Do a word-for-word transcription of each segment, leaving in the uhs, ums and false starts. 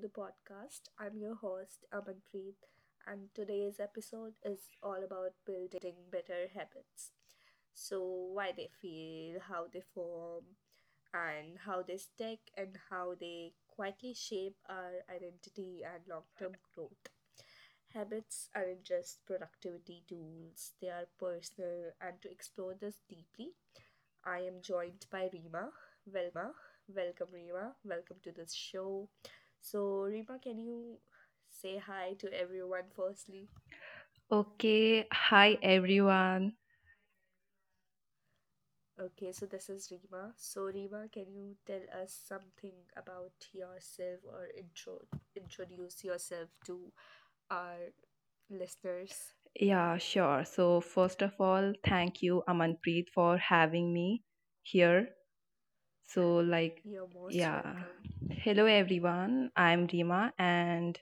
the podcast. I'm your host, Amanpreet, and today's episode is all about building better habits. So, why they feel, how they form, and how they stick, and how they quietly shape our identity and long term growth. Habits aren't just productivity tools, they are personal, and to explore this deeply, I am joined by Rima. Welcome, Rima. Welcome to this show. So, Rima, can you say hi to everyone firstly? Okay, hi everyone। Okay, so this is Rima. So, Rima, can you tell us something about yourself or intro introduce yourself to our listeners? Yeah, sure। So, first of all, thank you, Amanpreet, for having me here। So, like, You're most yeah. welcome. hello everyone, I'm Rima and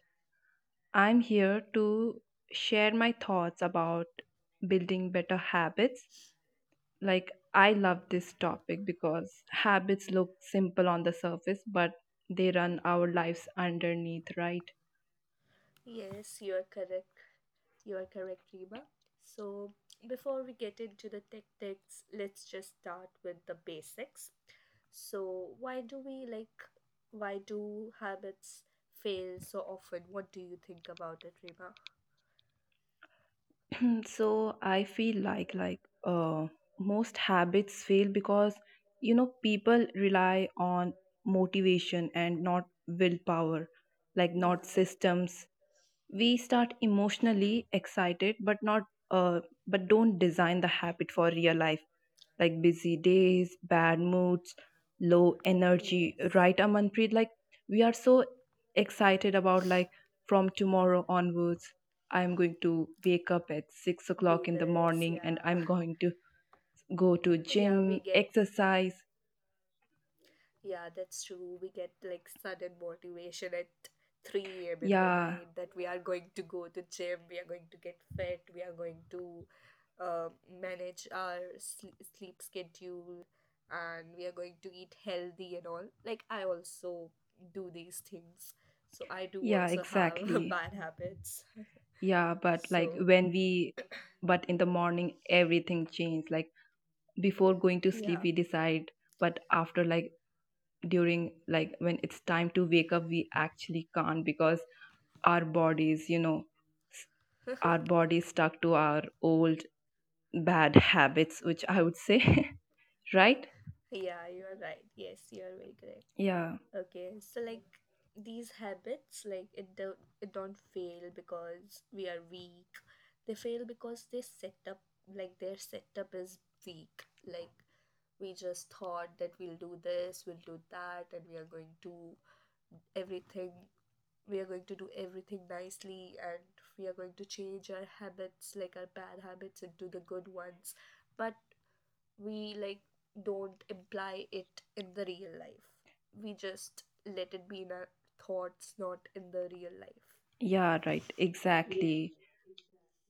I'm here to share my thoughts about building better habits। Like, I love this topic because habits look simple on the surface, but they run our lives underneath, right? Yes, you are correct. You are correct, Rima. So, before we get into the tactics, let's just start with the basics. So why do we like why do habits fail so often? What do you think about it, Rima? Hmm, so i feel like like uh, most habits fail because you know people rely on motivation and not willpower, like Yeah. not systems। We start emotionally excited but not uh, but don't design the habit for real life, like busy days, bad moods, low energy, Yes. right, Amanpreet? Like we are so excited about like from tomorrow onwards, I'm going to wake up at six Do o'clock in the this, morning and yeah. I'm going to go to Yeah, we gym, get exercise। yeah, that's true. We get like sudden motivation at three a m in the Yeah, night that we are going to go to gym, we are going to get fit, we are going to uh, manage our sl- sleep schedule and we are going to eat healthy and all. Like, I also do these things. So, I do yeah, also have exactly। bad habits. Yeah, but like So, when we but in the morning everything changed। Like before going to sleep yeah, we decide but after like during like when it's time to wake up we actually can't because our bodies you know s- our bodies stuck to our old bad habits which i would say right, yeah, you're right. Yes, you're very correct. yeah, Okay, so like these habits, like it don't it don't fail because we are weak. They fail because they set up like their setup is weak. Like we just thought that we'll do this, we'll do that, and we are going to everything. We are going to do everything nicely, and we are going to change our habits, like our bad habits, into the good ones. But we like don't imply it in the real life. We just let it be in our thoughts, not in the real life. yeah, right, exactly।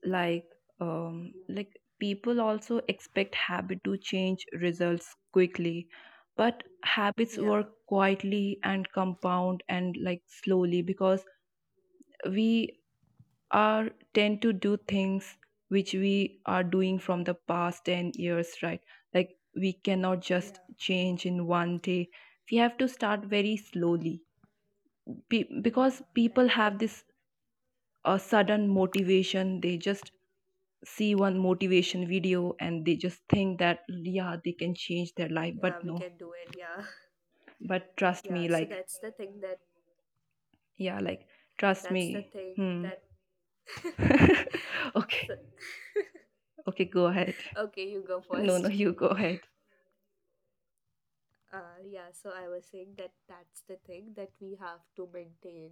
like um like people also expect habit to change results quickly but habits Yeah. work quietly and compound and like slowly because we are tend to do things which we are doing from the past ten years, right। Like we cannot Yeah. just change in one day, we have to start very slowly। Pe- Yeah. Because people Right. And have this uh, sudden motivation, they just see one motivation video and they just think that yeah they can change their life, but yeah, we no। can do it. Yeah. But trust me, Yeah. So like that's the thing that yeah, like trust that's the me, thing hmm that okay, so, okay, go ahead okay, you go no, no, first. you go ahead। Uh, yeah, so I was saying that that's the thing that we have to maintain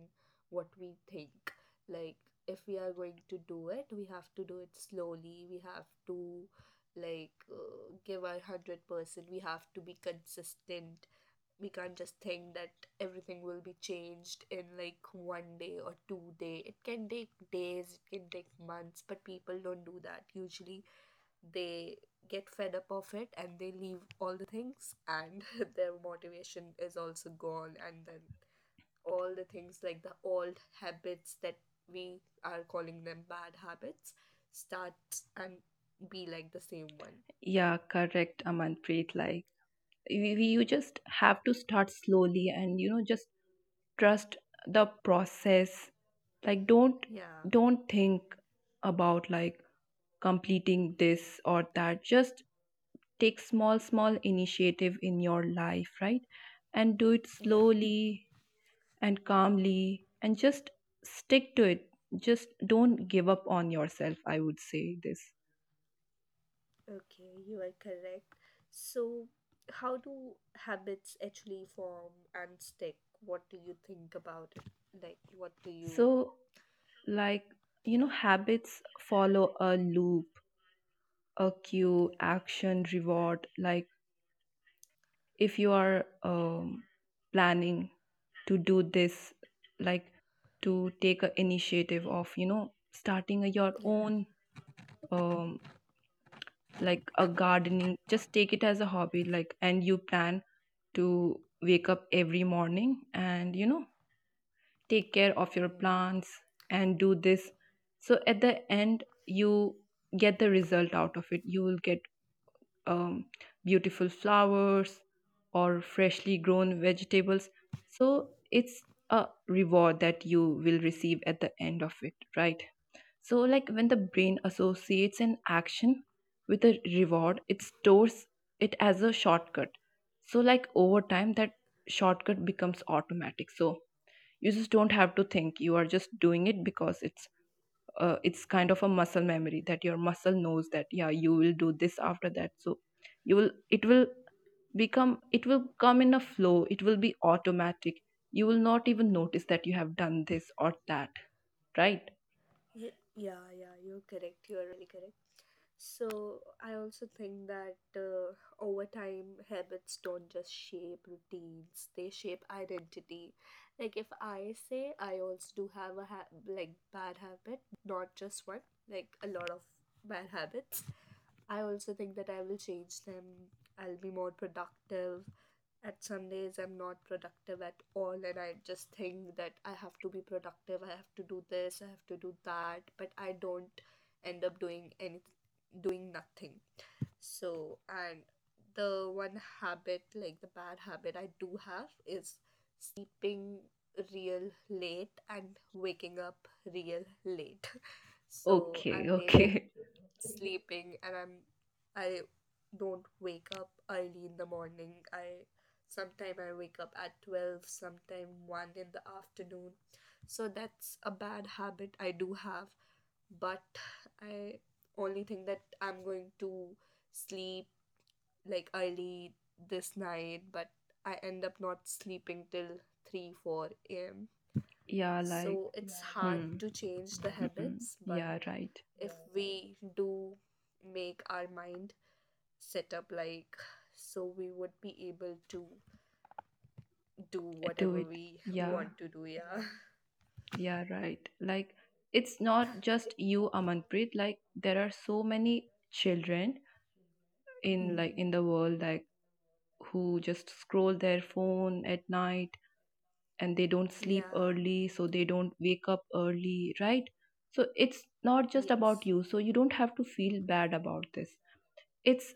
what we think. Like, if we are going to do it, we have to do it slowly. We have to, like, uh, give our one hundred percent. We have to be consistent. We can't just think that everything will be changed in like one day or two day. It can take days, it can take months, but people don't do that. Usually, they get fed up of it and they leave all the things and their motivation is also gone, and then all the things like the old habits that we are calling them bad habits start and be like the same one. Yeah, correct, Amanpreet। Like we, we, you just have to start slowly and you know just trust the process। Like don't Yeah. don't think about like completing this or that। Just take small small initiative in your life, right? And do it Yeah. slowly and calmly and just stick to it। Just don't give up on yourself, I would say this। Okay, you are correct. So how do habits actually form and stick? What do you think about it? Like what do you, So like you yeah, know habits follow a loop, a cue, okay, action, reward। Like if you are um, planning to do this, like to take a initiative of you know starting a, your yeah. own um, like a gardening, just take it as a hobby, like। And you plan to wake up every morning and you know take care of your Mm. plants and do this, so at the end you get the result out of it। You will get um, beautiful flowers or freshly grown vegetables, so it's a reward that you will receive at the end of it, right? So like when the brain associates an action with a reward it stores it as a shortcut, so like over time that shortcut becomes automatic। So you just don't have to think, you are just doing it because it's uh, it's kind of a muscle memory that your muscle knows that yeah you will do this after that, so you will it will become, it will come in a flow, it will be automatic। You will not even notice that you have done this or that, right, Ye- Yeah, yeah, you're correct. You're really correct. So, I also think that uh, over time, habits don't just shape routines, they shape identity. Like, if I say I also do have a ha- like bad habit, not just one, like a lot of bad habits, I also think that I will change them. I'll be more productive. At some days, I'm not productive at all, and I just think that I have to be productive, I have to do this, I have to do that, but I don't end up doing any doing nothing. So, and the one habit, like the bad habit I do have is okay, okay yeah, like hmm, hmm, yeah, right, do it, yeah, yeah, right। Like it's not just you, Amanpreet, like there are so many children in like in the world, like who just scroll their phone at night and they don't sleep early so they don't wake up early, right? So it's not just about you, so you don't have to feel bad about this। It's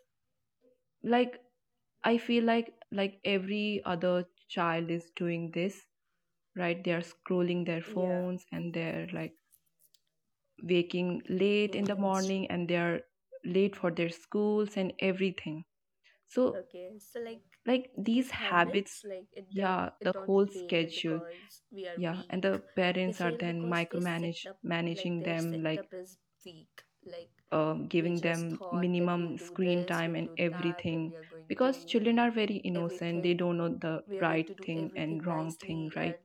like i feel like like every other child is doing this, right? They are scrolling their phones and they're like waking late in the morning and they are late for their schools and everything, so like these habits, yeah, the whole schedule, yeah। And the parents are then micromanage managing them like um, giving them minimum screen time and everything because children are very innocent, they don't know the right thing and wrong thing, right,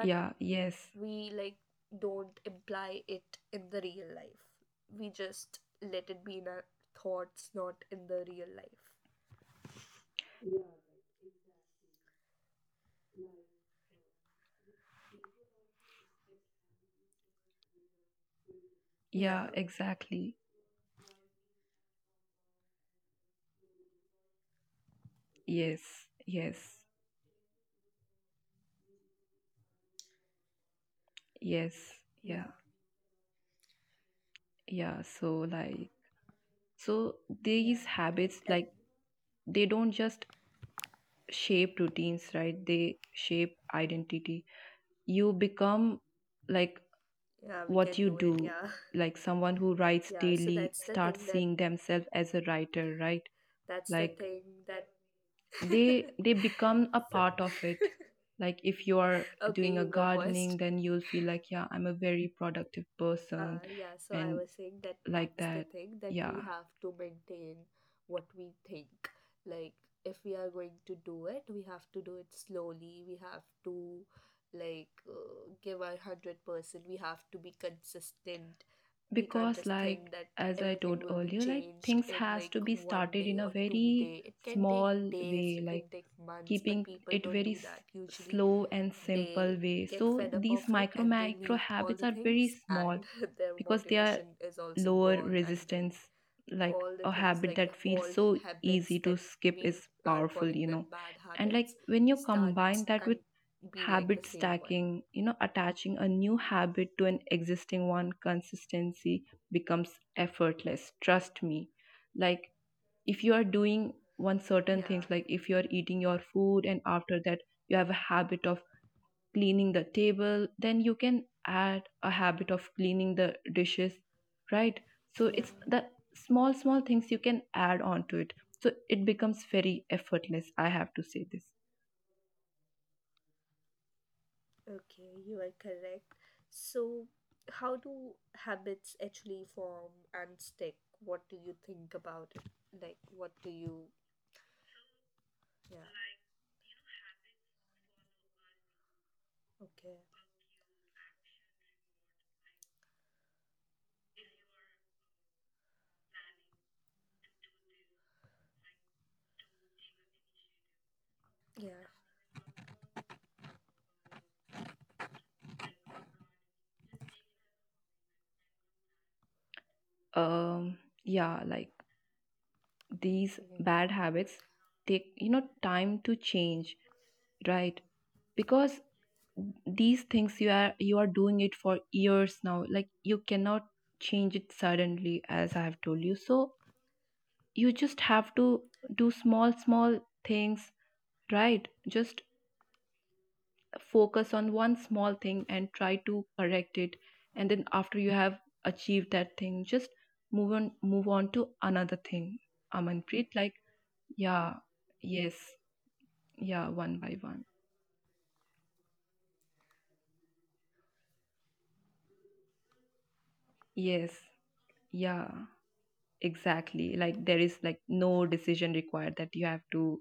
yeah, yes, yeah, exactly, yes, yes, yes, yeah, yeah। So like so these habits, like they don't just shape routines, right? They shape identity। You become like what you do, like someone who writes daily starts seeing themselves as a writer, right? Like they they become a part of it। Like if you are doing a gardening, then you'll feel like, yeah, I'm a very productive person and like that। Yeah। Because like as I told earlier, like things has to be started in a very small way, like keeping it very s- slow and simple way, so these micro micro habits are very small because they are lower resistance, like a habit that feels so easy to skip is powerful, you know। And like when you combine that with habit stacking, you know attaching a new habit to an existing one, consistency becomes effortless, trust me। Like if you are doing one certain things, like if you are eating your food and after that you have a habit of cleaning the table, then you can add a habit of cleaning the dishes, right? So it's the small small things you can add on to it, so it becomes very effortless, I have to say this, um yeah। Like these bad habits take you know time to change, right, because these things you are you are doing it for years now, like you cannot change it suddenly as I have told you। So you just have to do small small things, right? Just focus on one small thing and try to correct it, and then after you have achieved that thing just move on, move on to another thing, Amanpreet, like yeah, yes, yeah, one by one, yes, yeah, exactly। Like there is like no decision required, that you have to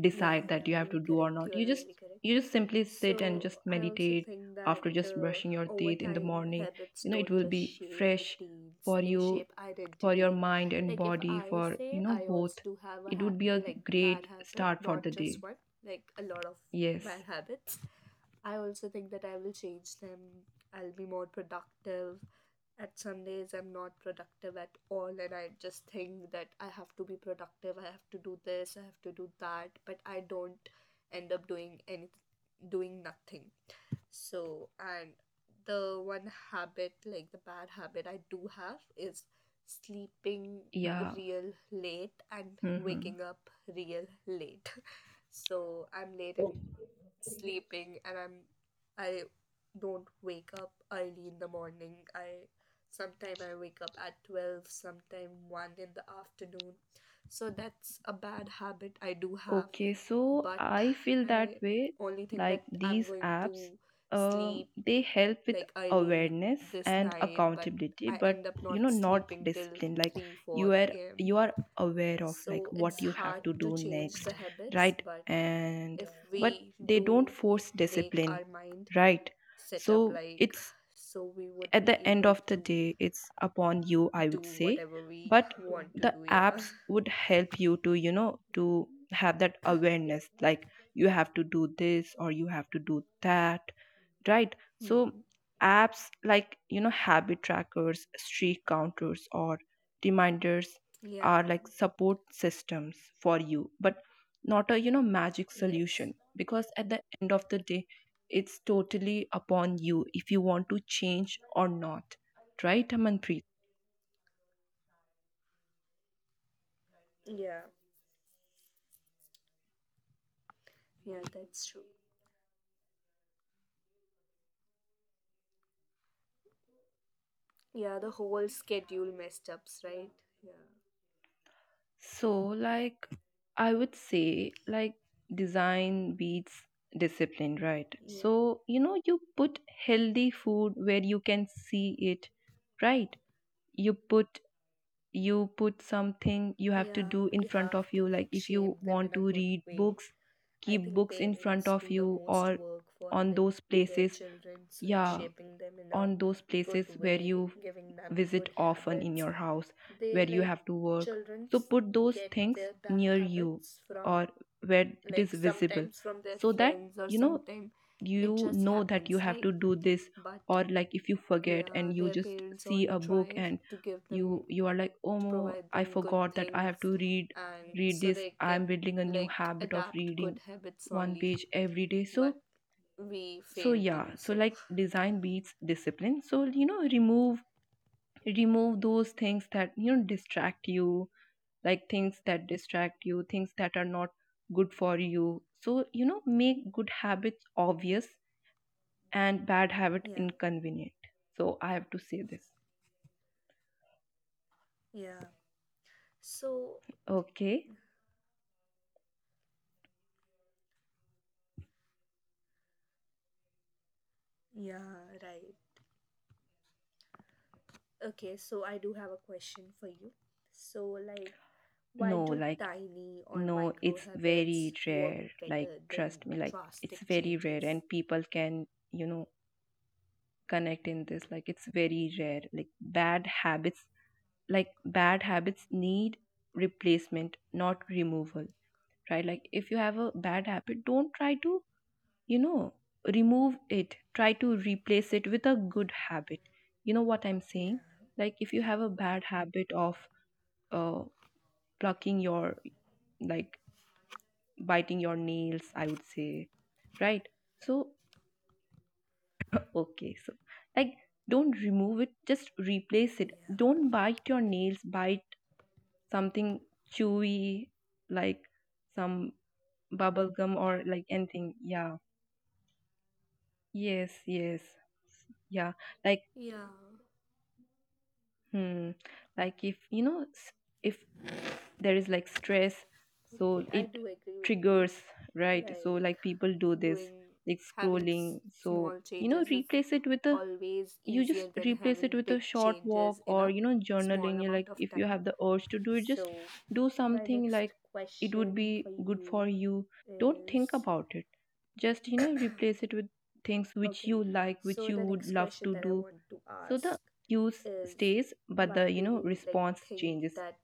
decide that you have to do or not, you just you just simply sit and just meditate after just brushing your teeth in the morning, you know it will be fresh for you, for your mind and body, for you know both, it would be a great start for the day, yes, sleeping yeah, real late and hmm। waking up real late. So, I'm late at sleeping and I'm I don't wake up early in the morning. I sometime I wake up at twelve, sometime one in the afternoon. So that's a bad habit I do have, Okay, so but I feel that I way, only think like that I'm these going to apps um, sleep they help with like early awareness this and night, but accountability I but end up you not know not sleeping till discipline। Like three you are four a m. you are aware of like So what it's you have hard to to do change the next, habits, right, but and if but we they don't do force make discipline, our mind right? set up, So like it's so we would at be the end able of the to day it's upon you, I do would say, whatever we but want to the do. Yeah. apps would help you to you know to have that awareness, like you have to do this or you have to do that, right? So Hmm. apps like you know habit trackers, streak counters or reminders Yeah. are like support systems for you but not a you know magic Yes. solution, because at the end of the day it's totally upon you if you want to change or not, right, Amanpreet? Yeah. Yeah, that's true. Yeah, the whole schedule messed ups, right? Yeah. So like I would say like design beats discipline, right? Yeah. So you know you put healthy food where you can see it, right? you put You put something you have to Yeah, do in we front have of to you। Like like if shape you them want in a to good read way. books, I keep think books in front parents of do the you, most or work for on like those their places, children's, like yeah, shaping them in a on those good places where way, you giving them visit good often in habits. your house, They where you like have to work। So children's put those get things their bad near you habits from or where it is like visible, sometimes from their so that friends or you know, sometimes it you just know that you happens, have right? to do this, But or like if you forget yeah, and you their just parents see only a book try and to give you, them you are like oh to no, provide I them good forgot that I things have to read and read so this, they I'm can building a new like habit of adapt good reading habits one only, page every day। So but we so failed to yeah, do so so. like design beats discipline, so you know remove remove those things that you know distract you, like things that distract you, things that are not good for you। So you know make good habits obvious and bad habit Yeah, inconvenient, so I have to say this। yeah. So, Okay, yeah, right. Okay, so I do have a question for you. So, like, why no, do like tiny or no, micro it's very habits work rare, like better trust than me, like it's drastic very rare changes? and people can you know connect in this, like it's very rare। Like bad habits, like bad habits need replacement, not removal, right। Like if you have a bad habit, don't try to you know remove it, try to replace it with a good habit, you know what I'm Yeah, saying। Like if you have a bad habit of uh plucking your, like biting your nails, I would say, right, so okay। So like don't remove it, just replace it, yeah. don't bite your nails, bite something chewy like some bubble gum or like anything, yeah, yes, yes, yeah, like Yeah. hmm। Like if you know s- if there is like stress, so Okay, I it do agree with you. triggers, right? So Like, like people do this doing like having scrolling, s- so small you know changes is replace it with a, always you just easier than replace it having with a big short walk changes in or a you know small journaling, you, like amount of if you time. have the urge to do it So, just do my something next like it would be question for good for you you. Don't think is about it, just you know replace it with things which okay. you like, which So, you the would next love question to that I do. want to So ask the use is stays, but the why do you know you like response think changes. that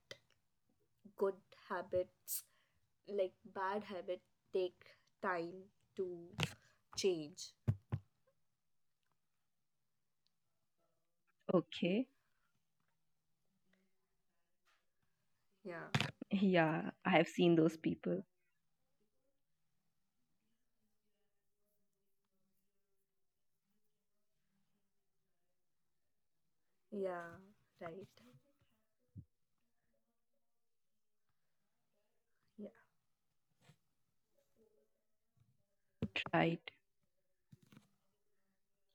good habits, like bad habit, take time to change? Okay. Yeah, Yeah, I have seen those people, yeah, right. Yeah, right?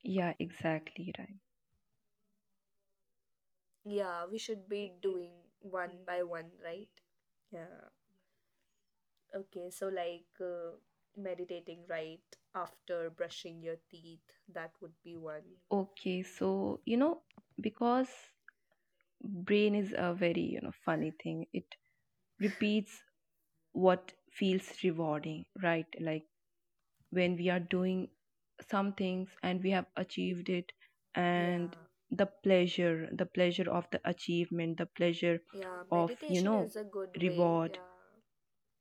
Yeah, exactly, right. yeah, we should be doing one by one, right? Yeah. Okay, so like uh, meditating right after brushing your teeth, that would be one. Okay, so you know because brain is a very you know funny thing. It repeats what feels rewarding, right? Like when we are doing some things and we have achieved it, and Yeah, the pleasure the pleasure of the achievement, the pleasure yeah, of you meditation know is a good way. reward, Yeah,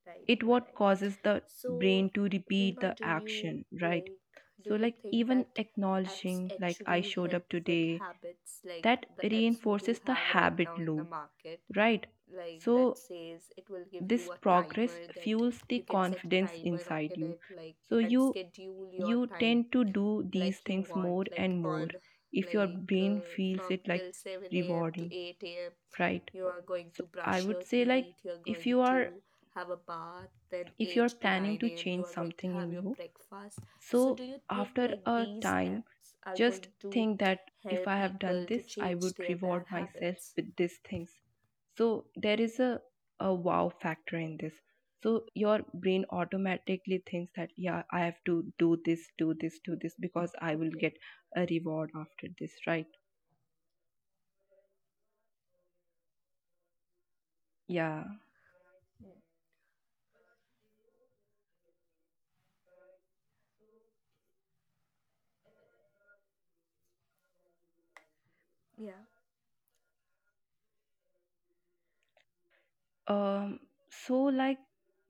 right, it you are what right. causes the So, brain to repeat Rima, the do you action, right? like, do So you like think even that apps acknowledging, like I actually showed help up with today, habits like that the apps we do reinforces the have right habit now in the loop, market? right? Like So that says it will give this you a progress timer that fuels the you can set a confidence timer inside in you, it, like, so and you schedule your you time tend to do these like you things want more like and more on if your like brain uh, feels from it like till seven a.m to rewarding, eight a.m right? you are going So to I brush would your say, like teeth, you are if going you to are have a bath, then if you are eight to planning nine to a.m you change are going to something have in your you. breakfast. So do So you think after like a these time, apps are just going to think that if help I have people done to this, I change would their bad reward myself habits? with these things. So there is a, a wow factor in this. So your brain automatically thinks that, yeah, I have to do this, do this, do this because I will Okay, get a reward after this, right? Yeah. yeah. Um, so like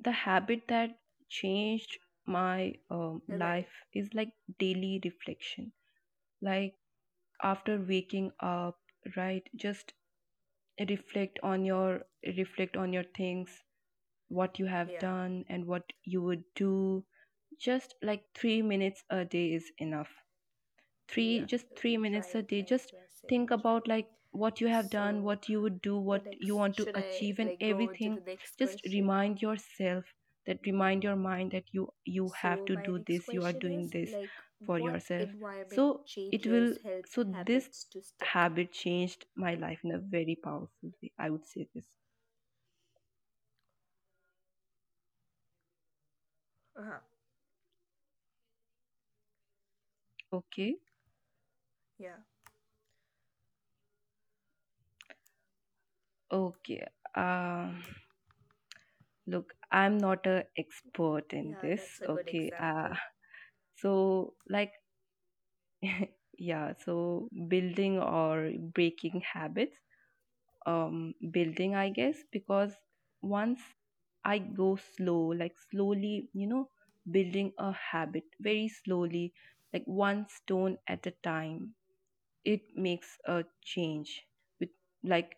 the habit that changed my um, Yeah. Right, life is like daily reflection. Like after waking up, right, just reflect on your reflect on your things, what you have yeah, done and what you would do. Just like three minutes a day is enough. Three, yeah, just three minutes a right, day, right, just you are saying think it about right. like what you have done, So what you would do, the what you next, want to should I achieve, and like go on to the everything. next Just question? remind yourself that, remind your mind that you you have So to my do next this, you are question doing is this like for what yourself, environment so it will, changes help so this habits to stick? habit changed my life in a very powerful way. I would say this. Uh-huh. Okay, Yeah. okay, um look, I'm not a expert in Yeah, this, that's a good okay. uh example. so like yeah, so building or breaking habits, um building, I guess, because once I go slow, like slowly, you know building a habit very slowly, like one stone at a time, it makes a change. With like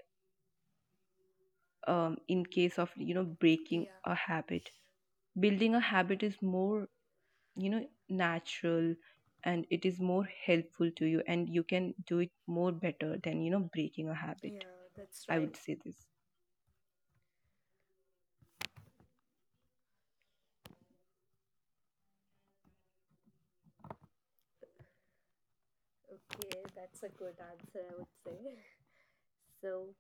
um in case of you know breaking Yeah. a habit, building a habit is more you know natural, and it is more helpful to you, and you can do it more better than you know breaking a habit. Yeah, that's I right. would say this. Okay, that's a good answer, I would say. So,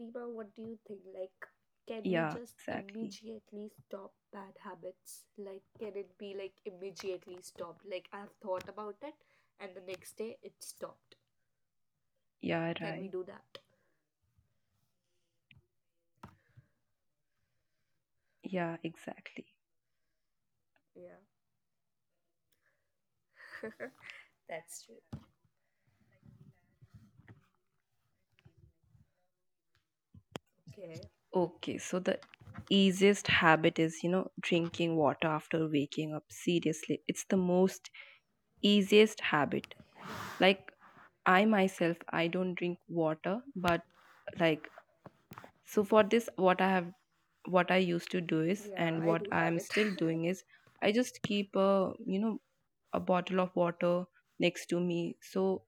Rima, what do you think? Like, can we Yeah, just exactly, immediately stop bad habits? Like, can it be like immediately stopped? Like, I've thought about it, and the next day it stopped. yeah, Can we right, do that? yeah, exactly. Yeah. That's true. Okay. Okay, so the easiest habit is you know drinking water after waking up, seriously. It's the most easiest habit. Like I myself, I don't drink water, but like so for this, what i have what I used to do is, Yeah, and I what do have I'm it. still doing is, I just keep a you know a bottle of water next to me. So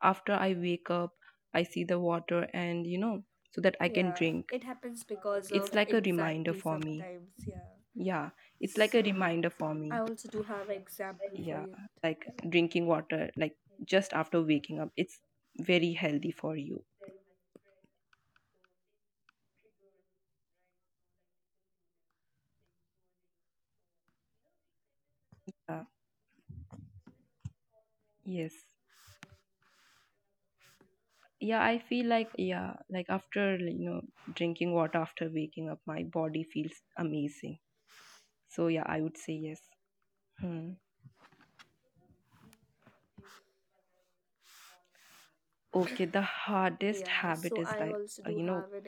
after I wake up, I see the water, and you know, so that I can Yeah, drink. it happens because of It's like a reminder anxiety for me. sometimes. Yeah. Yeah, it's So like a reminder for I me. also do have an example for Yeah, you. like drinking water, like just after waking up, it's very healthy for you. Uh, yes. Yeah, I feel like, yeah, like after, like, you know drinking water after waking up, my body feels amazing. So yeah, I would say yes. Hmm. Okay, the hardest Yeah, habit so is I like also uh, do you know have an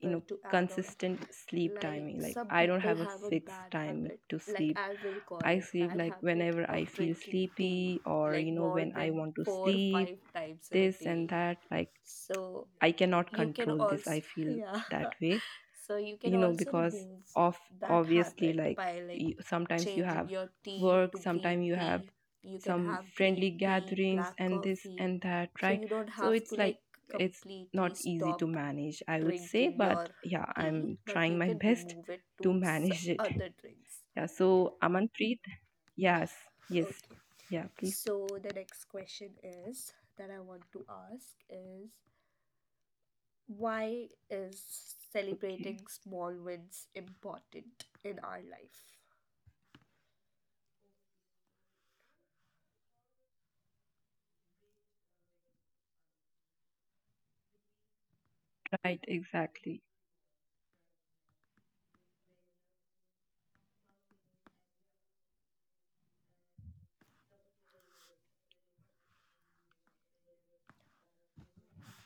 you know to add on. consistent sleep Like timing. Like some I don't people have a have a fixed bad time habit, to like sleep. I will call I it sleep bad like habit whenever I of feel drinking tea sleepy, or like you know more when I than want to four or sleep, five times in a this and day. that. Like So I cannot you can control this, I also feel yeah. that way, So you can you know also because remove of that obviously habit like by like you, sometimes you changing have your tea work, to sometimes green you have tea. You can some have friendly green tea, gatherings black and this coffee. and that, So right? you don't So have to it's like like it's completely not easy to stop manage, I would say. drinking But your yeah, tea, I'm but trying you my can best remove it to to s- manage it, other drinks. yeah. So Amanpreet, yes, yes, Okay. yeah, please, So the next question is that I want to ask is why is okay, celebrating small wins important in our life? right, exactly,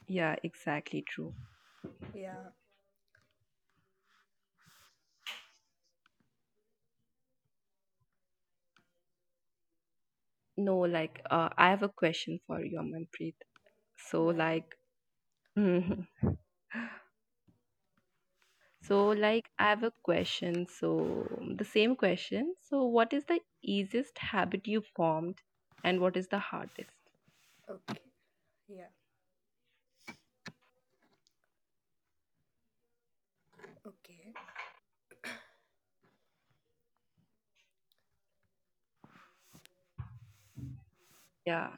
yeah, exactly, true, Yeah. no, like uh, I have a question for you, Amanpreet, so Right. like so, like, I have a question. So, the same question. So, what is the easiest habit you formed, and what is the hardest? Okay. Yeah. Okay. Yeah।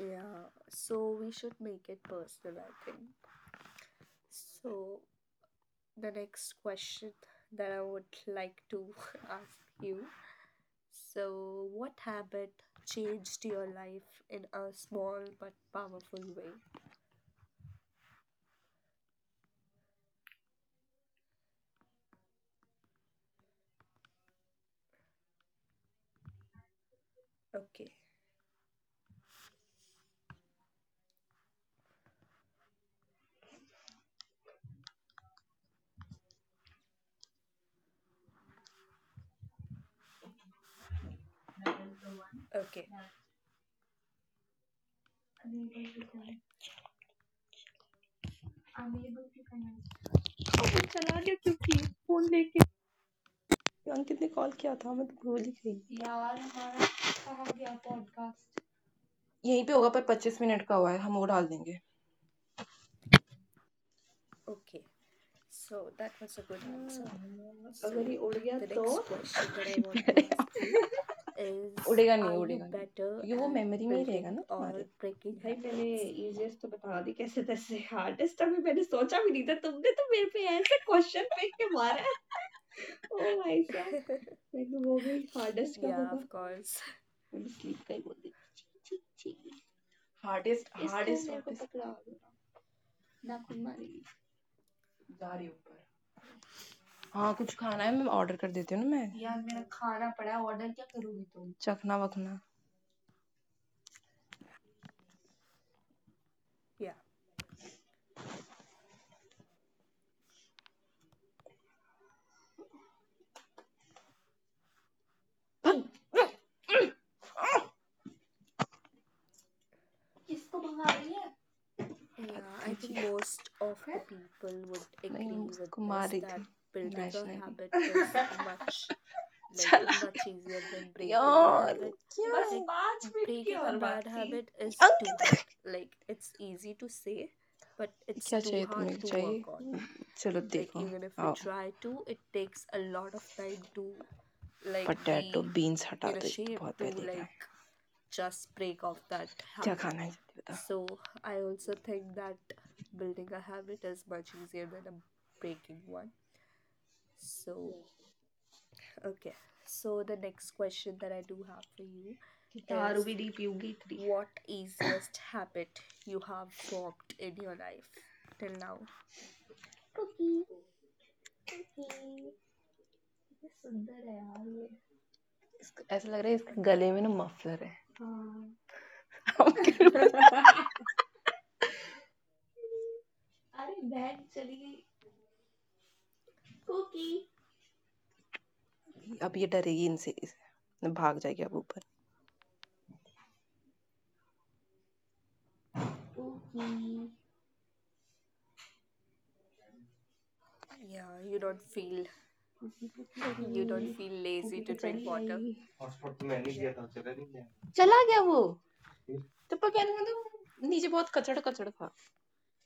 Yeah. So we should make it personal, I think. So the next question that I would like to ask you. So what habit changed your life in a small but powerful way? Okay. Okay. अबे चला गया क्यों? कि phone लेके अंकित ने call किया था। मैं तो भूल ही गई यार। हमारा कहाँ गया पॉडकास्ट? यहीं पे होगा। पर पच्चीस मिनट का हुआ है, हम वो डाल देंगे। Okay. So that was a good answer. Hmm, So अगर ये उड़ गया the तो next question that I want to अरे यार ask you is उड़ेगा नहीं, are you उड़ेगा नहीं, better क्योंकि वो at मेमोरी में ही रहेगा building ना तुम्हारे। or breaking भाई मैंने habits? इजीएस्ट तो बता दी कैसे तैसे, हार्डेस्ट अभी मैंने सोचा भी नहीं था। तुमने तो मेरे पे ऐसे क्वेश्चन फेंक के मारा है। ओ भाई साहब, मैं तो हो गई। हार्डेस्ट क्या Yeah, होगा, of course. मैंने स्लीप का ही बोल दी। छी, छी, छी। हार्डेस्ट, इसने हार्डेस्ट मेरे को पकड़ा होगा। नाखून मारेगी जा रही ऊपर। हाँ कुछ खाना है? मैं ऑर्डर कर देती हूँ ना। मैं यार, Uh, मेरा खाना पड़ा है, ऑर्डर क्या करूंगी? तुम चखना वखना? yeah. किसको भगा रही है? हटा Yeah, I देती think चीख most of the हैं? people would नहीं मैं agree with उसको मार this रही that थी building a imaginary. habit is much like चला much easier than breaking a यार habit. क्या, बस Like पाँच मिनट की breaking a और बात bad थी। habit is too hard. Ankit Like it's easy to say, but it's क्या too चाहिए hard तुम्हें? to work on. चाहिए चलो Like देखो even if we आओ, try to, it takes a lot of time to like potato be beans हटा in a दो ये तो shape बहुत to पहले का है। like just break off that क्या habit. खाना है जल्दी बताओ, So I also think that building a habit is much easier than a breaking one. So, okay. So the next question that I do have for you दारू is भी नहीं पीऊंगी। what easiest habit you have formed in your life till now? इतनी सुंदर है यार ये, ऐसा लग रहा है इसके Okay. गले में ना मफलर है। हाँ All right. अरे बहन चली गई कुकी, अब ये डरेगी इनसे, इस- भाग जाएगी अब ऊपर। पुकी, Yeah, you don't feel पुकी, you don't feel lazy पुकी तो to drink चली water. आई। हॉटस्पॉट तो मैंने Yeah. किया था, चला नहीं गया? चला गया, वो चप्पल पहन के तो पहले नीचे बहुत कचड़ कचड़ था।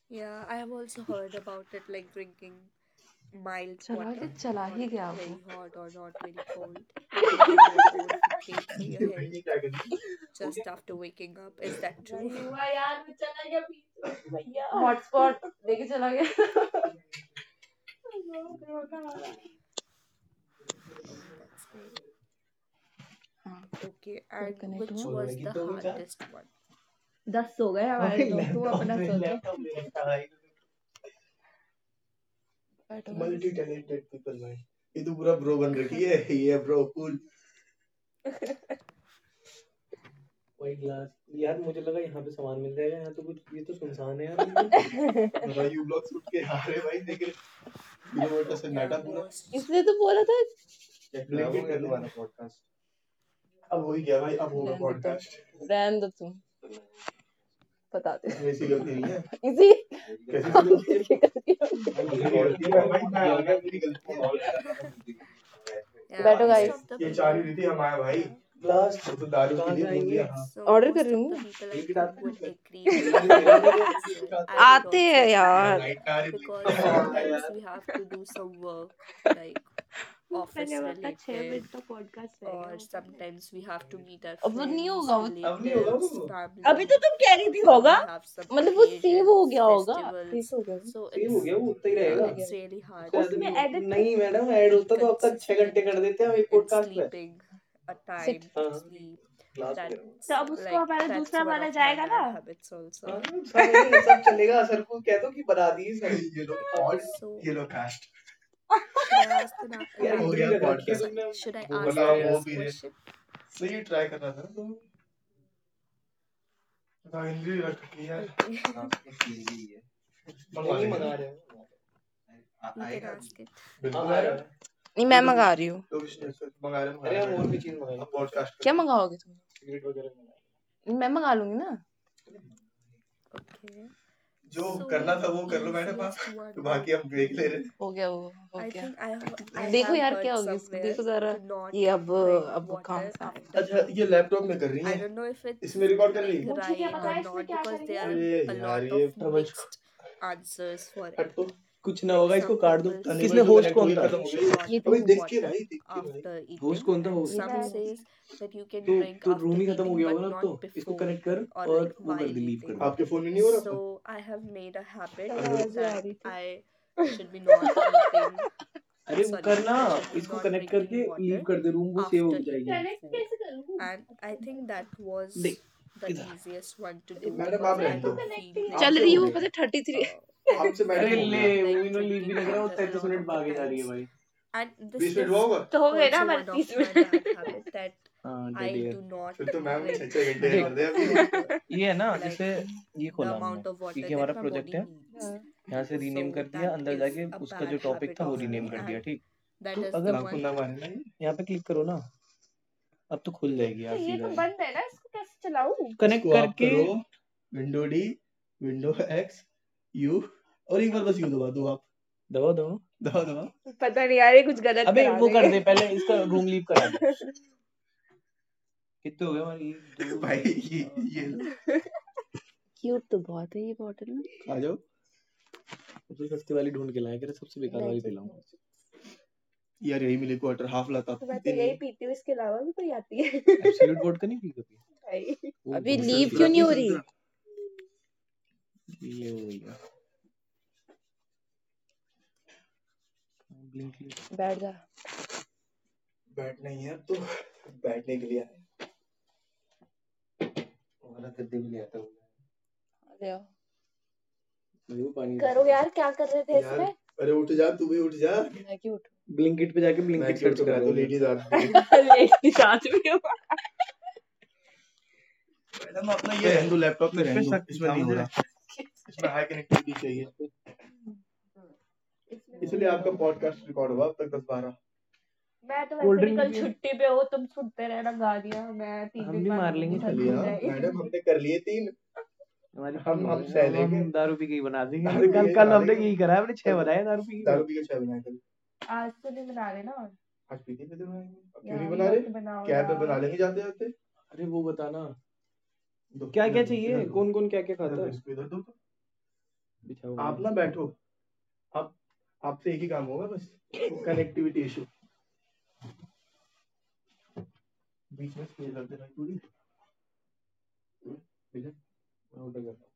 Yeah, I have also heard about it like drinking mild चला water, गया, चला not ही गया, वो very hot or not very cold. Mild water would be great for your health just after waking up. Is that true? नहीं हुआ यार, वो चला गया पीछे भैया हॉटस्पॉट लेके चला गया। Hotspot Oh, that's great. Okay, फिर and कनेक्ट हुआ which और बड़े was the कितने हो गए? चार hardest one? दस हो गए हमारे दोस्त। वो अपना सोचो, लैपटॉप मेरा था भाई। Multi advance talented people man. ये तो पूरा ब्रो बन रखी है। ये ब्रो कूल वही ग्लास। यार मुझे लगा यहाँ पे सामान मिल जाएगा, यहाँ तो कुछ, ये तो सुनसान है यार। बिल्कुल। यू ब्लॉक सूट के आ रहे भाई देख। Zero water. सन्नाटा Yeah, पूरा। most. इसने तो बोला था ब्लैंकेट कर दो, अब हो ही गया भाई, अब होगा। Blanket तो, पॉडकास्ट रहने दो। तुम बता दो ऐसी गलती नहीं Yeah, है, इजी कैसी काम गलती है, करके करती हूँ। yeah, बैठो most गाइस, of the ये चार ही people. रीति हमारा भाई Yeah. लास्ट। वो तो दारू के लिए बोल दिया। So ऑर्डर कर most रही of हूँ the मैं। people I ब्लिंकिट think आते would agree to your हैं। answer. I would आते also हैं agree to यार it लाइट का रे because sometimes Blinkit. we have to do some work like पहले office अब अपना छह related मिनट का पॉडकास्ट रह गया, or वो कर ले। sometimes we छह have to minute meet our अब वो नहीं friends, होगा, वो अब नहीं होगा relatives, वो। अभी family, तो तुम कह रही थी or होगा। we have some मतलब वो सेव हो occasions, गया होगा। Save festivals. हो गया होगा, So सेम हो it's, गया, वो उतना ही save yeah, रहेगा, हो गया it's really hard होगा उससे, उसमें to ज्यादा नहीं, edit, नहीं मैडम ऐड be होता तो अब तक छह घंटे consistent कर देते हम एक in पॉडकास्ट में sleeping, a sit time to हाँ sleep. क्लास वगैरह में। तो That's अब उसको like, हमारा that's दूसरा one वाला of my जाएगा ना। bad habits also. हाँ, सब सब चलेगा। सर को कह दो कि बना दिए सर, ये लो पॉड So, ये low cost. should I ask the, na- यार हो la- इंटरव्यू गया लगा रखी है podcast. sorry, should तुमने I वो ask the बताओ यार। वो next भी रे question? सही ट्राई कर रहा था तो पता, हिंदी रख रखी है यार Okay, रात को सीधी ही है, मंगवा नहीं लेंगे। मंगा रहे हो? आ- you can आएगा अभी? ask it. बिल्कुल हाँ, आएगा। नहीं मैं मंगा रही हूँ तो कुछ नहीं, फिर मंगा रहे हैं, अरे मंगा हम रहे और हैं। भी चीज मंगाई, अब पॉडकास्ट क्या मंगाओगे? तुम वगैरह मंगाई। मैं मंगा लूंगी ना, Okay. जो So करना था the वो कर लो मैडम आप, easiest one तो बाकी would हम ब्रेक ले be रहे। हो गया वो, हो I गया think I have I देखो have यार क्या heard होगी इसको। somewhere देखो जरा to ये, not अब drink अब कहाँ water से आएगा थे? after अच्छा ये eating. लैपटॉप में कर रही I है, don't know if इसमें it's रिकॉर्ड कर रही है। like मुझे क्या right पता, हाँ। or है इसमें not क्या because करेंगे? there अरे are a यार lot of ये ट्रबल mixed answers for हट तो it. कुछ ना Like होगा, इसको some काट दो। people Thunderbird किसने, तो say होस्ट that connect कौन हुई, था खत्म you हो should गई not ये, अबे drink तो देख के water भाई, देख के भाई after होस्ट eating कौन था? and होस्ट ये some मैं, तो थी says that you can तो drink तो after रूम ही खत्म हो eating गया but होगा ना। अब not तो इसको before कनेक्ट eating कर or like और वो कर while दे लीव कर eating. दे। आपके फोन में नहीं हो रहा था, So I have made a habit आवाजें आ that रही थी। I should be not eating, अरे वो sorry, करना, I should be इसको not कनेक्ट drinking करके लीव water कर दे रूम, वो सेव हो after जाएगी। eating connect food. कैसे करूँ? And अच्छा I बैठ think that तो। was the easiest one to do madam because आप रहने, I मैं तो दो don't कनेक्ट feel ही आपसे चल really, रही हो हूँ गया। पता थर्टी थ्री uh, I आपसे, don't अरे मैडम feel ले वो like भी लीव भी drinking लग रहा है वो water a तैंतीस lot मिनट of the भागे जा रही है। times. भाई And this बीस मिनट हुआ is होगा तो हो गए ना also हमारे one of तीस my minute bad habit that हाँ dead I air do not फिर तो मैम छह drink छह घंटे a देख। कर lot दे of water. अभी। ये है ना, जैसे Like ये the खोला हमने amount of water क्योंकि that हमारा my प्रोजेक्ट body है, needs. हाँ। यहाँ से रीनेम So कर that दिया अंदर is जाके a उसका जो bad टॉपिक habit था वो of रीनेम me, कर दिया। and ठीक, that तो is अगर the one नाम को ना मारना ये। यहाँ पे क्लिक करो ना, अब तो खुल जाएगी। तो आप ये तो सीधा बंद है ना, इसको कैसे चलाऊं? कनेक्ट इसको आप करके करो। Window D, window X U, और एक बार बस यू दबा दो। आप दबाओ दबाओ, दबा दबा। पता नहीं यार ये कुछ गलत अबे करा वो रहे कर हैं। दे पहले इसका रूम लीव करा दे। कितने हो गए हमारी? एक, दो, भाई ये तीन, ये चार, लो। क्यूट तो बहुत है ये बॉटल ना। आ जाओ सबसे सस्ती वाली ढूंढ के लाया करे। सबसे बेकार वाली पिलाऊंगा यार यही मिले। क्वार्टर हाफ लाता तो। मैं तो यही पीती हूँ, इसके अलावा भी कोई आती है? एब्सोल्यूट वोडका नहीं पी कभी भाई, वो अभी बहुत लीव सस्ती क्यों नहीं हो वाली रही है। ये हो गई है। ब्लिंक लिया। बैठ जा, बैठना ही है अब तो। बैठने के लिए आया हमारा, गद्दे के लिए आता हूँ। अरे वाह, न्यू पानी करो यार क्या कर रहे थे यार, इसमें। अरे उठ जा तू भी उठ जा। मैं क्यों उठूं? ब्लिंकिट पे जाके ब्लिंकिट सर्च कर दो। लेडीज आती है लेट के साथ में हूं। मैडम अपना ये रहने दो लैपटॉप में, रहने दो इसमें नहीं हो रहा। इसमें हाई कनेक्टिविटी चाहिए, इसलिए आपका पॉडकास्ट रिकॉर्ड हुआ अब तक दस बारह। मैं तो Cold वैसे भी drink कल भी- छुट्टी पे हो। तुम सुनते रहना गालियां मैं टीवी भी मार लेंगे। चलिए हाँ, मैडम हमने कर लिए तीन हमारी हम- हम है, सह अब लेंगे। हम दारू पी के ही बना देंगे, दारू पी के कल ही कल बना हमने देंगे। यही करा है, हमने छह बनाए दारू पी के। दारू पी के चाय बनाया कल, आज तो नहीं बना रहे ना। आज पीते पीते बनाएंगे। अब क्यों यार, नहीं बना मत रहे बनाओ कैब में यार। बना लेंगे जाते जाते। अरे वो बताना दो, क्या क्या इधर दो, चाहिए इधर दो। कौन कौन क्या क्या खाता इधर दो, है इसको इधर दो तो। बिछा हुआ आप ना बैठो, आप आपसे एक ही काम होगा बस कनेक्टिविटी इशू। बीच में स्पेस रख देना पूरी, ठीक है? मैं उल्टा करता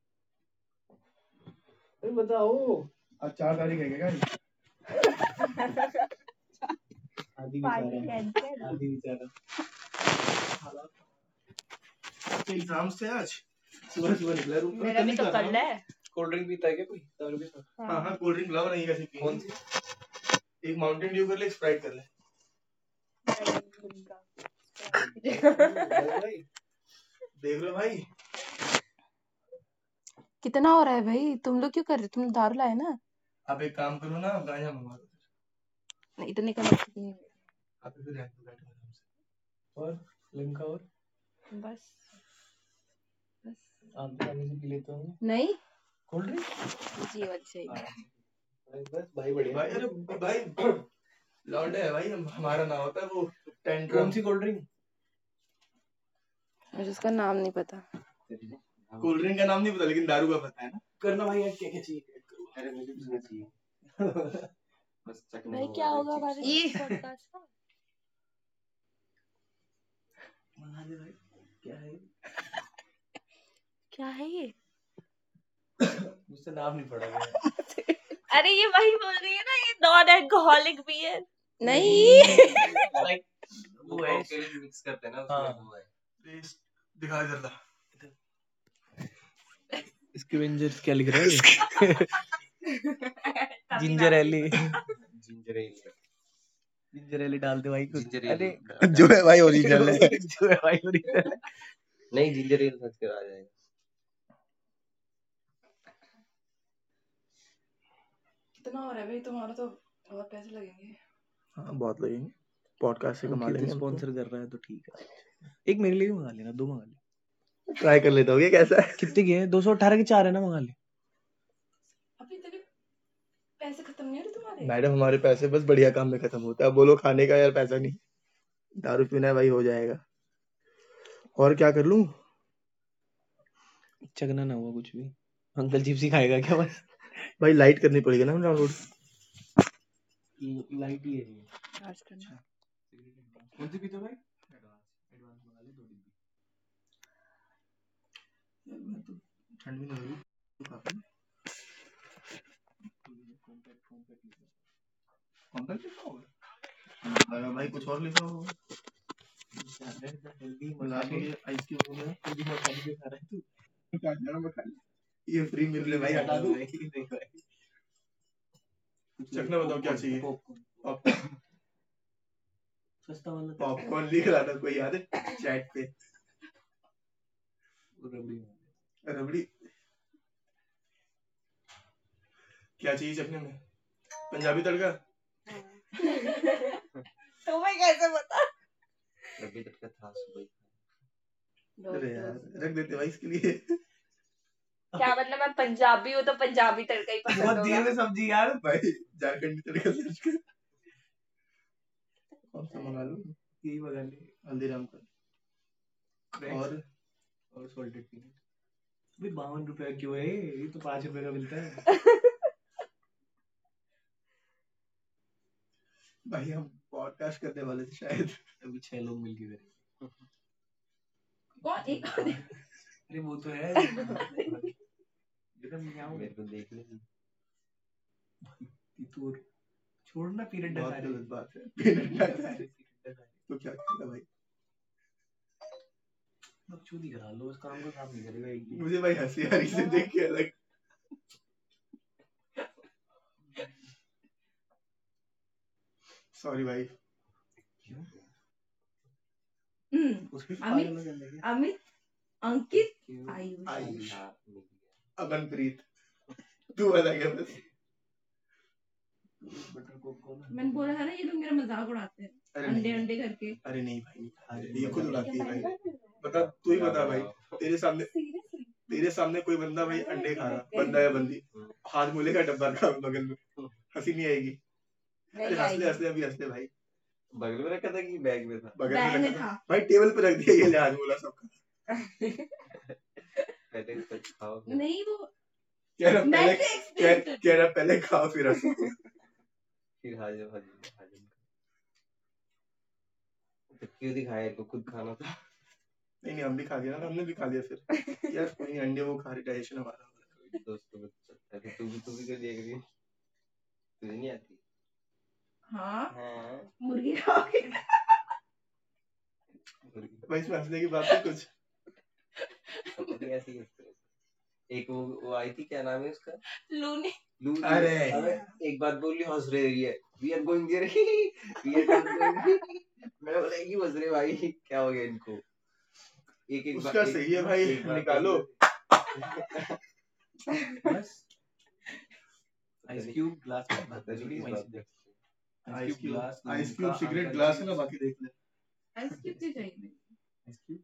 हूँ। अरे बताओ आज चार तारीख है क्या? आदि पार्टी बेचारा कैंसिल। आदि बेचारा गाड़ी? एग्जाम से आज सुबह सुबह निकला, रूम का मेरा भी तो कल है। कोल्ड ड्रिंक पीता है क्या कोई? तवर भी हाँ हाँ। कोल्ड ड्रिंक लव नहीं, कैसे पी? कौन सी एक माउंटेन ड्यू कर ले, एक स्प्राइट कर ले भाई। देख लो भाई कितना। आप एक काम करो ना, आप गांजा मंगवा दो। नहीं, इतने का मत पीना। आप इधर रहते हो, बैठो आराम से। और लिमका और बस आम के पानी से पी लेते होंगे। नहीं कोल्ड ड्रिंक जी वाली चाहिए बस। भाई बढ़िया भाई अरे भाई लौंडे है भाई हम- हमारा ना होता है वो टेंट। कौन सी कोल्ड ड्रिंक मुझे उसका नाम नहीं पता, कोल्ड ड्रिंक का नाम नहीं पता लेकिन दारू का पता है ना करना भाई। यार क्या क्या चाहिए? अरे मुझे भी सुनना चाहिए। बस चकना भाई क्या होगा हमारे ये- podcast का? मुझसे नाम नहीं पड़ा। अरे ये वही बोल रही है ना, ये नॉन एल्कोहलिक बियर नहीं, लाइक वो है हाँ। टेस्ट दिखा जरा स्क्वेंजर्स क्या लिख रहा है, जिंजर एली। जिंजर एली डाल दे भाई कुछ, जिंजर अरे जो है भाई ओरिजिनल है। जो है भाई ओरिजिनल हाँ, बहुत लगेंगे। पॉडकास्ट से कमा अंकित लेंगे उनको। स्पॉन्सर कर रहा है तो ठीक है। एक मेरे लिए भी मंगा लेना, दो मंगा ले। ट्राई कर लेता हूँ ये कैसा है। कितने की है? दो सौ अठारह के चार। है ना मंगा ले, अभी तेरे पैसे खत्म नहीं हो रहे। तुम्हारे मैडम हमारे पैसे बस बढ़िया काम में खत्म होता है। बोलो खाने का यार पैसा नहीं, दारू पीना है भाई। हो जाएगा और क्या कर लूँ। चकना ना हुआ कुछ भी। अंकल चिप्स ही खाएगा क्या बस भाई? लाइट करनी पड़ेगी ना, डाउनलोड लाइट ही है आज करना। कौन सी पीते भाई, ठंड भी नहीं हो रही। कॉम्पैक्ट कॉम्पैक्ट कॉम्पैक्ट लगा भाई कुछ और लिखा होगा। मजाक हो गया, आइसक्रीम हो गया, हेल्दी मजाक में खा रहा है तू क्या? गरम बता, ये फ्री मिल रहे भाई। हटा दो, चखना बताओ क्या चाहिए। सस्ता वाला पॉपकॉर्न लिख रहा था कोई, याद है चैट पे? रबड़ी रबड़ी क्या चाहिए चखने में? पंजाबी तड़का। तुम्हें कैसे पता? अरे यार रख देते भाई इसके लिए क्या मतलब? मैं पंजाबी हूँ तो पंजाबी तड़का ही पसंद होगा। बहुत देर होगा में समझी यार भाई। झारखंडी तड़का सर्च कर। कौन सा मंगा लूं? यही मंगा ले, हल्दीराम का Cracks? और और सॉल्टेड पीनट। अभी बावन रुपए क्यों है, ये तो पाँच रुपए का मिलता है। भाई हम पॉडकास्ट करने वाले थे शायद, अभी छह लोग मिलके करेंगे। कौन एक? अरे वो तो है, जरा मैं यहाँ हूँ। मेरे को देख लेंगे। तीतूर छोड़ना पीरियड बहुत डका रही, गलत बात है। है अब तो क्या करेगा भाई? अब चोरी करा लो, उस काम को काम नहीं करेगा एक भी। मुझे भाई हंसी आ रही से देख के अलग। सॉरी भाई, हम्म, उसमें भी अमित- पागल हो जाएंगे। अमित, अंकित क्यों? आयुष, आयुष अगनप्रीत तू बता क्या बस बटर कोक कौन है? मैंने बोला था ना ये लोग मेरा मजाक उड़ाते हैं। अरे अंडे नहीं, अंडे करके अरे नहीं भाई, अरे ये खुद नहीं। उड़ाती है भाई, बता तू ही बता भाई। तेरे सामने सीरियसली तेरे सामने कोई बंदा भाई अंडे खा रहा, बंदा या बंदी हाथ में लेगा डब्बा, रखा बगल में, हंसी नहीं आएगी? अरे हंस ले, हंस ले अभी हंस ले भाई। बगल में रखा था कि बैग में था? बगल में, बैग में रखा था भाई, टेबल पे रख दिया। ये ले आज बोला सबका, पहले कुछ खाओ। नहीं, वो कह रहा पहले Nice कह expected. कह रहा पहले खाओ फिर हम नहीं। फिर हाजिर हाजिर हाजिर क्यों दिखाया इनको? खुद खाना था। नहीं नहीं हम भी खा लिया ना, हमने भी खा लिया फिर। यार कोई अंडे वो खा रहे, डाइजेशन हमारा हो रहा दोस्तों को। चलता है, तू भी तू भी कर लिया करिए। तुझे नहीं आती? हाँ हाँ मुर्गी खाओगे है। भाई इसमें हंसने की बात है कुछ पता नहीं। ऐसी एक वो वो आई थी, क्या नाम है उसका, लूनी लू। अरे अबे एक बात बोली, हंस रही है। We are going there, we are going there. मैंने बोला ये हंस रहे भाई, क्या हो गया इनको? एक एक उसका सही है भाई, निकालो बस ice cube. Glass ice cube ice cube cigarette. Glass है ना बाकी देख ले आइस क्यूब से चाहिए? आइस क्यूब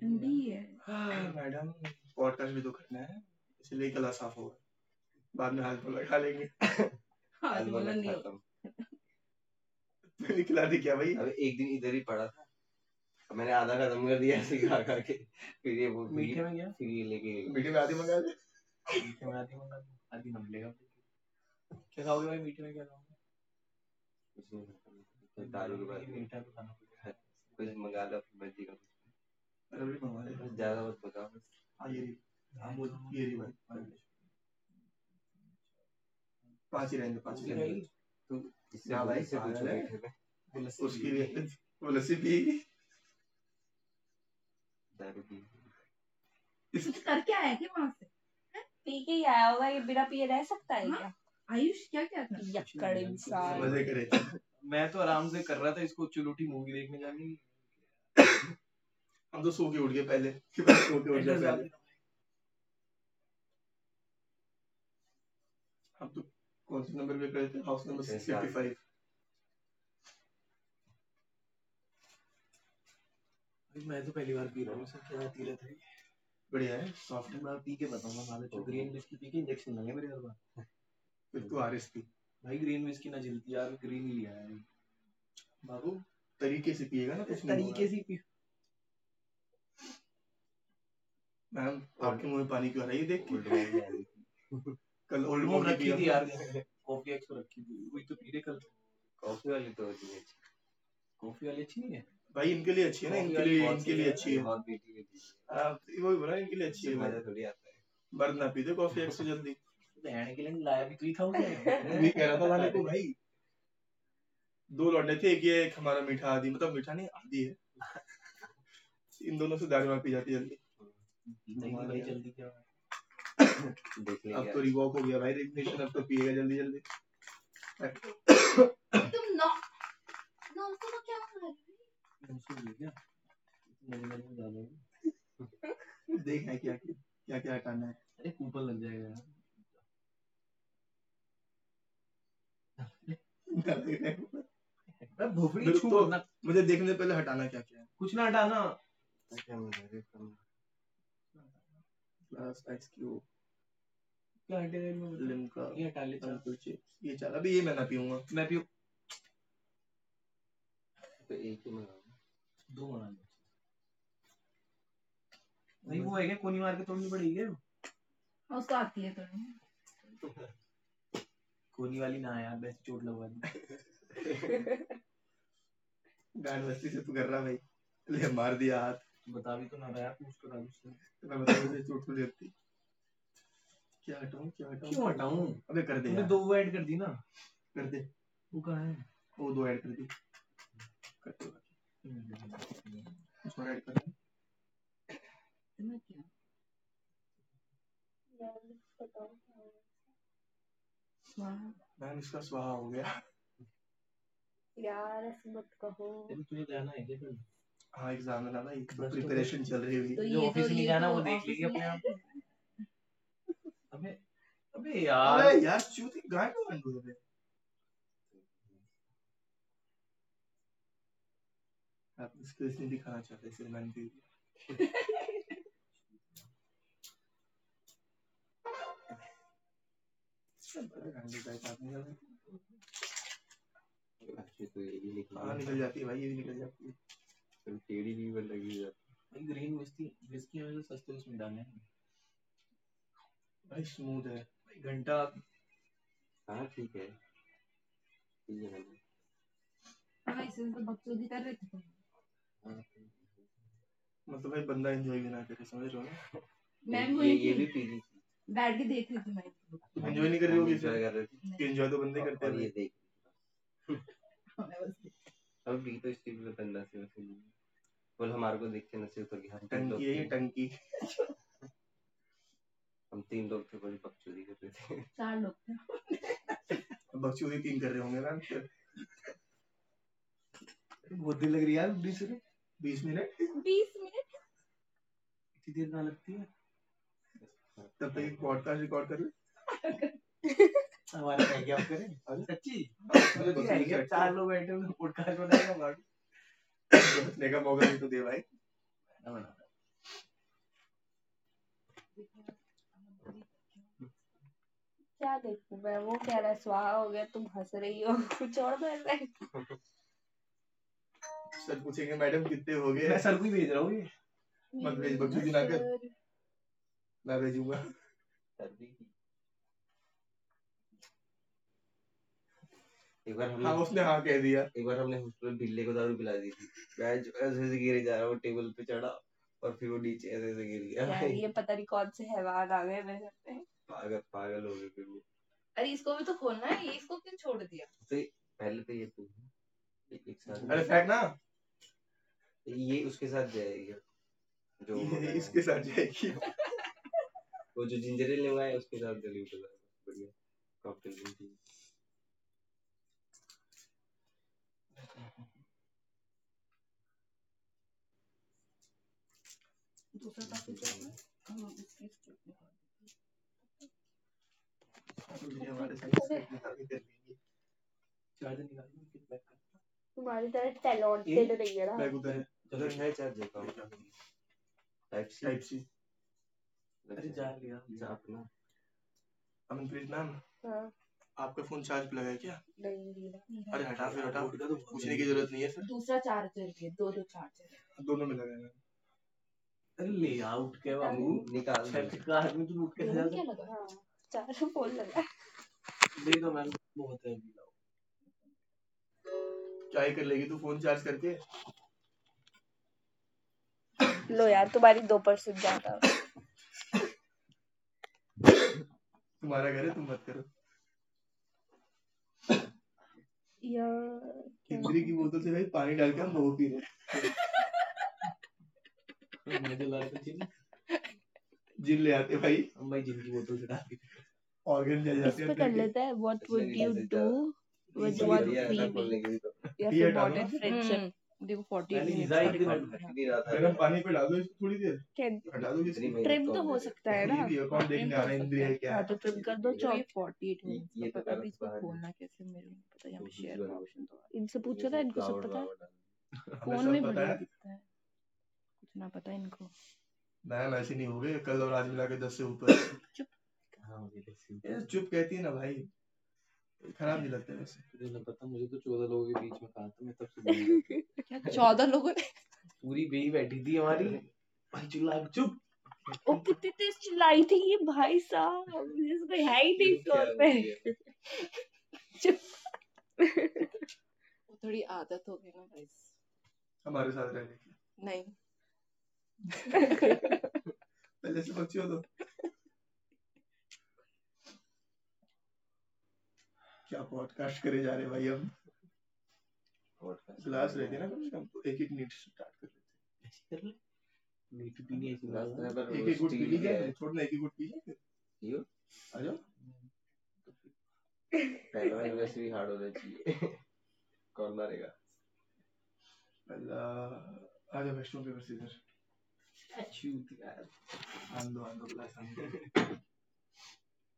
ठंडी है हां मैडम। पॉडकास्ट भी तो करना है, इसलिए गला साफ होगा। बाद में हाथ पर लगा लेंगे हाजमोला, नहीं होता अब। मैंने खिला दी क्या भाई? अरे एक दिन इधर ही पड़ा था, अब मैंने आधा खत्म कर दिया ऐसे खा खा के। फिर ये वो मीठे मीठे में क्या फिर ये लेके, मीठे में आधी मंगा ले। मीठे में आती होगा आती हम लेगा क्या खाओगे भाई? मीठे में क्या खाओगे उसमें, दारू के बाद मीठा तो खाना पड़ेगा। कुछ मंगा लो अपनी मर्जी का, अरे भी मंगा ले बस, ज्यादा मत बताओ। हाँ ये रही। हाँ वो ये रही भाई, पांच ही रहेंगे पांच ही रहेंगे। जाएगी? इससे, हाँ आप भाई, इससे पागल पूछो है। मीठे में उसकी भी वो लस्सी पिएगी, दारू की करके आया कि वहां से पीता है क्या? यक्कड़ इंसान मजे करेगा। मैं तो आराम से कर रहा था, इसको चुलूटी मूवी देखने जाने। हम तो सो के उठ गए पहले कि भाई, सो के उठ गए पहले की। हम तो कौन से नंबर पे गए थे? House number six fifty five. भाई, मैं तो पहली बार पी रहा हूँ इसमें क्या तीरथ है? बढ़िया है सॉफ्ट है। मैं पी के बताऊंगा। मामे तो को ग्रीन विस्की पी के इंजेक्शन लगे मेरे हर बार, फिर तू आर एस पी भाई। ग्रीन विस्की ना जलती यार, ग्रीन ही लिया है। बाबू तरीके से पिएगा ना इस कुछ नहीं, तरीके से पी होगा। मैम आपके मुंह में पानी क्यों आ रहा है ये देख के? कल ओल्ड वो मोड रखी थी यार कॉफी एक्स पर रखी थी, वही तो पी रहे कल। कॉफी वाली तो होती है कॉफी वाली, अच्छी नहीं है भाई इनके लिए। अच्छी है ना कॉफी इनके वाली लिए, बहुत इनके लिए अच्छी है, बहुत मीठी मीठी। हाँ, तो वही बोला इनके लिए अच्छी है। है मजा भाई, थोड़ी आता है मर्द ना पी दे कॉफी एक से। जल्दी बहन के लिए लाया भी तू ही था, मैं भी। कह रहा था वाले को भाई, दो लौटे थे एक ये एक हमारा मीठा। आदि मतलब मीठा नहीं आदि है, इन दोनों से दारू वहाँ पी जाती है जल्दी भाई जल्दी। क्या देख ले, अब तो रिवॉक हो गया भाई, रेगुलेशन अब तो पिएगा जल्दी जल्दी। तुम नौ नौ सौ का क्या कर रहे हो क्या देखना है, क्या क्या क्या क्या हटाना है। अरे ऊपर लग जाएगा यार। क्या देखना है। अरे भोपड़ी फिर छू तो- ना, मुझे देखने से पहले हटाना। क्या क्या है, कुछ ना हटाना। प्लस एक्स क्यूब क्या हटेगा इनमें बता? लिमका ये हटा ले, चल अंकुर चिप्स ये चल अभी। ये मैं ना पीऊंगा, मैं भी। तो एक ही मंगाओ, दो बना ले। नहीं वो है क्या, कोनी मार के तोड़नी पड़ेगी क्या? हाँ, उसको आती है थोड़ी कोनी वाली। ना यार, वैसे चोट लगवा दी। गांड मस्ती से तू कर रहा भाई, ले मार दिया हाथ। बता भी तो ना रहा है पूछ कर, मैं बता मुझे चोट तो लगती। क्या हटाऊं, क्या हटाऊं, क्यों हटाऊं? अबे कर दे तुमने यार, दो वो ऐड कर दी ना, कर दे। वो कहाँ है, वो दो ऐड कर दी, कर दे बाकी। उसको ऐड कर दे, इतना क्या बताओ। वाह मैम, इसका स्वाहा हो गया यार, ऐसे मत कहो। तेरे तुझे जाना है क्या कल? हाँ एग्जाम में जाना। एक बस, तो प्रिपरेशन चल रही हुई, तो जो ये ऑफिस तो- नहीं, ये जाना तो वो देख, ऑफिस लेगी में- अपने आप। अबे अबे यार, अरे यार चूती गांड को गांड हो रहे। आप इसको इसलिए दिखाना चाहते हैं सिर्फ, मैंने सब गांड हो जाए बात नहीं जाती। अच्छे तो ये भी बाहर निकल जाती है भाई, ये भी निकल जाती है, सिर्फ टेढ़ी नहीं, पर लगी हुई है भाई। ग्रीन विस्की विस्की, हमें तो सस्ते उसमें डाले हैं भाई, स्मूथ है भाई घंटा। हाँ ठीक है, ठीक है भाई। हाँ, इसमें तो बकचोदी कर रहे थे। हाँ, मतलब भाई बंदा एंजॉय भी ना करे, समझ रहे हो ना मैम? ये वही, ये भी थी, पी रही थी, बैठ के देख रही थी मैं। तुम enjoy नहीं कर रहे हो किसी? Enjoy कर रहे थे? नहीं, एंजॉय तो बंदे करते, और ये हैं। देख मैं बस देख- अब भी तो इसकी भी बंदा से वैसे ही। बोल हमारे को देख के नसीब, तो हम तीन लोग टंकी है ये थे। टंकी, हम तीन लोग थे, बड़ी बकचोदी कर रहे थे। चार लोग थे, बकचोदी तीन कर रहे होंगे ना। बहुत देर लग रही है यार, बीस मिनट बीस मिनट बीस मिनट, इतनी देर ना लगती है। तब तक एक पॉडकास्ट रिकॉर्ड कर ले, क्या करें? अरे सच्ची! अरे तो ठीक है, चार लोग बैठे हुए पॉडकास्ट बनाएगा, बाकी बचने का मौका भी तो दे भाई, ना बना। क्या देखूं मैं, वो कह रहा है स्वाहा हो गया। तुम हंस रही हो, कुछ और कर रहा है। सर पूछेंगे मैडम कितने हो गए, मैं सर को ही भेज रहा हूँ। ये मत भेज, बकचोदी ना कर। मैं भेजूंगा सर्दी की। एक बार हमने, हाँ उसने हाँ कह दिया, एक बार हमने हॉस्टल में बिल्ले को दारू पिला दी थी। मैं जो ऐसे ऐसे गिरे जा रहा, वो टेबल पे चढ़ा और फिर वो नीचे ऐसे ऐसे गिर गया यार। ये पता नहीं कौन से हैवान आ गए मेरे घर पे, पागल पागल हो गए फिर वो। अरे इसको भी तो खोलना है, ये इसको क्यों छोड़ दिया? तो पहले तो ये तू है, एक साथ। अरे फेंक ना, ये उसके साथ जाएगा, जो ये मंगाया इसके साथ जाएगी है। वो जो जिंजर एल मंगाया है, उसके साथ जल्दी उठ जाएगा, बढ़िया कॉकटेल बनती है ये हमारे साथ, इसके साथ भी कर लेंगे। चार्जर निकाल लो, फिर पैक कर। update नहीं है ना, बैग उधर है, उधर है। चार्जर का टाइप सी टाइप सी लगता। अरे है, जा लिया जा अपना। अमनप्रीत मैम, हाँ आपका फोन चार्ज पे लगा है क्या? नहीं मेरा, अरे हटा, फिर हटा, पूछने की जरूरत नहीं है। सर, दूसरा चार्जर है, दो दो चार्जर दोनों में लगा है मैम। अरे ले आउट के बाबू, निकाल दो। छठ का आदमी तो लूट के ले क्या जाता लगा। हाँ, चार फोन लगा दे, दो मैम बहुत है, अभी लाओ। क्या ही कर लेगी तू फोन चार्ज करके? लो यार, तुम्हारी तुम्हारा घर है, तुम मत करो यार। इंद्री की बोतल से भाई पानी डाल के हम वो पी रहे, मुझे लगा था जिन जिन ले आते भाई भाई। जिन की बोतल से डाल के ऑर्गन ले, इस जाते पे कर लेते हैं। व्हाट इसमें वुड भी यू कर सकता डू With विद, बढ़िया योर idea है, थ्री ऐसा वीक्स, या ये फिर डालो बॉटल ना। फ्रेंडशिप देखो, चालीस मैंने मिनट ईजा, एक दिन गर्म पानी पे डालो इसको थोड़ी देर, हटा दो इसको। ट्रिम तो हो सकता है ना, ये देखो, कौन देखने आ रहा है? इंद्रिय है क्या, हाँ है? तो ट्रिम कर दो ये- चौबीस फोर्टी एट मिनट्स, ये का तो पर गलत अभी इसको बात है। खोलना कैसे मेरे को नहीं पता, यहाँ पे दूसरी शेयर वाली का ऑप्शन तो इनसे पूछो था, इनको सब पता है, हमें फोन सब में पता। बढ़िया है, दिखता है कुछ ना पता इनको। मैम ऐसी नहीं होगी, कल और आज मिला के दस से ऊपर। चुप, हाँ मुझे लस्सी। ये चुप कहती है ना भाई, खराब नहीं लगता है वैसे, मुझे नहीं पता। मुझे तो चौदह लोगों के बीच में कहा था, मैं तब से बोल रहा था। क्या, चौदह लोगों ने पूरी बेई बैठी थी हमारी भाई, चुला चुप वो कितनी तेज चिल्लाई थी। ये भाई साहब, इसको है ही नहीं फ्लोर पे, वो थोड़ी आदत हो गई ना गाइस हमारे साथ रहने की। नहीं, पहले से बच्चे हो तो क्या, पॉडकास्ट करे जा रहे हैं भाई हम। Podcast क्लास रहती है ना, कम से कम तो एक एक मिनट स्टार्ट कर लेते, ऐसे कर। मीठी पीनी है इसी में Last लोगों number को, एक एक गुट पी roasting लीजिए है। छोड़ ना, एक एक गुट पी लीजिए। यू आ जाओ, पहला एनिवर्सरी हार्ड होना चाहिए, कौन मारेगा पहला, आ जाओ वैष्णो, पेपर से इधर शूट यार। आंदो आंदो प्लस आंदो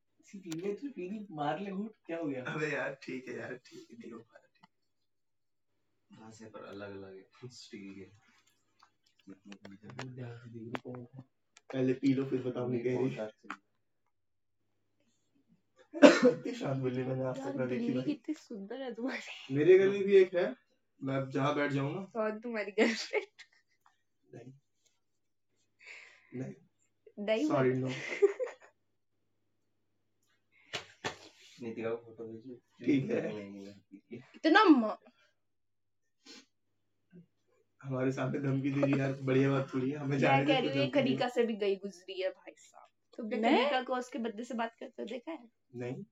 सी पीने तो पीनी, मार ले घूट। क्या हो गया अबे यार, ठीक है यार, ठीक है, नहीं हो पाया हाँ, से पर अलग अलग है। स्टील के पहले पी लो, फिर बताऊंगी कह रही। पॉडकास्ट कितनी शांत, बिल्ली मैंने आज यार तक ना देखी, बिल्ली भाई कितनी सुंदर है तुम्हारी। मेरे गले भी एक है, मैं अब जहाँ बैठ जाऊँ ना। और तुम्हारी गर्ल, नहीं नहीं नहीं, सॉरी नो, नीतिका को फोटो भेजिए, ठीक है। है इतना म- हमारे सामने धमकी दे रही है यार, बढ़िया बात थोड़ी है हमें। मैं जाने कह दे रही तो हूँ, ये धमकी दे। कनिका से भी गई गुजरी है भाई साहब, तुमने मैं? कनिका को उसके बदले से बात करते हुए देखा है? नहीं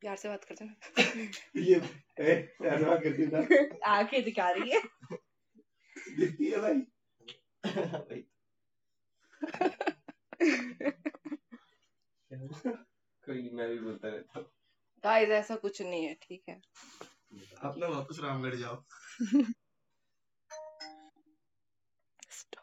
प्यार से बात करते ना, ये ए, ऐसा करती ना, आंखें दिखा रही है, दिखती है भाई। भाई कोई नहीं, मैं भी बोलता रहता हूँ गाइस, ऐसा कुछ नहीं है, ठीक है। आप ना वापस रामगढ़ जाओ।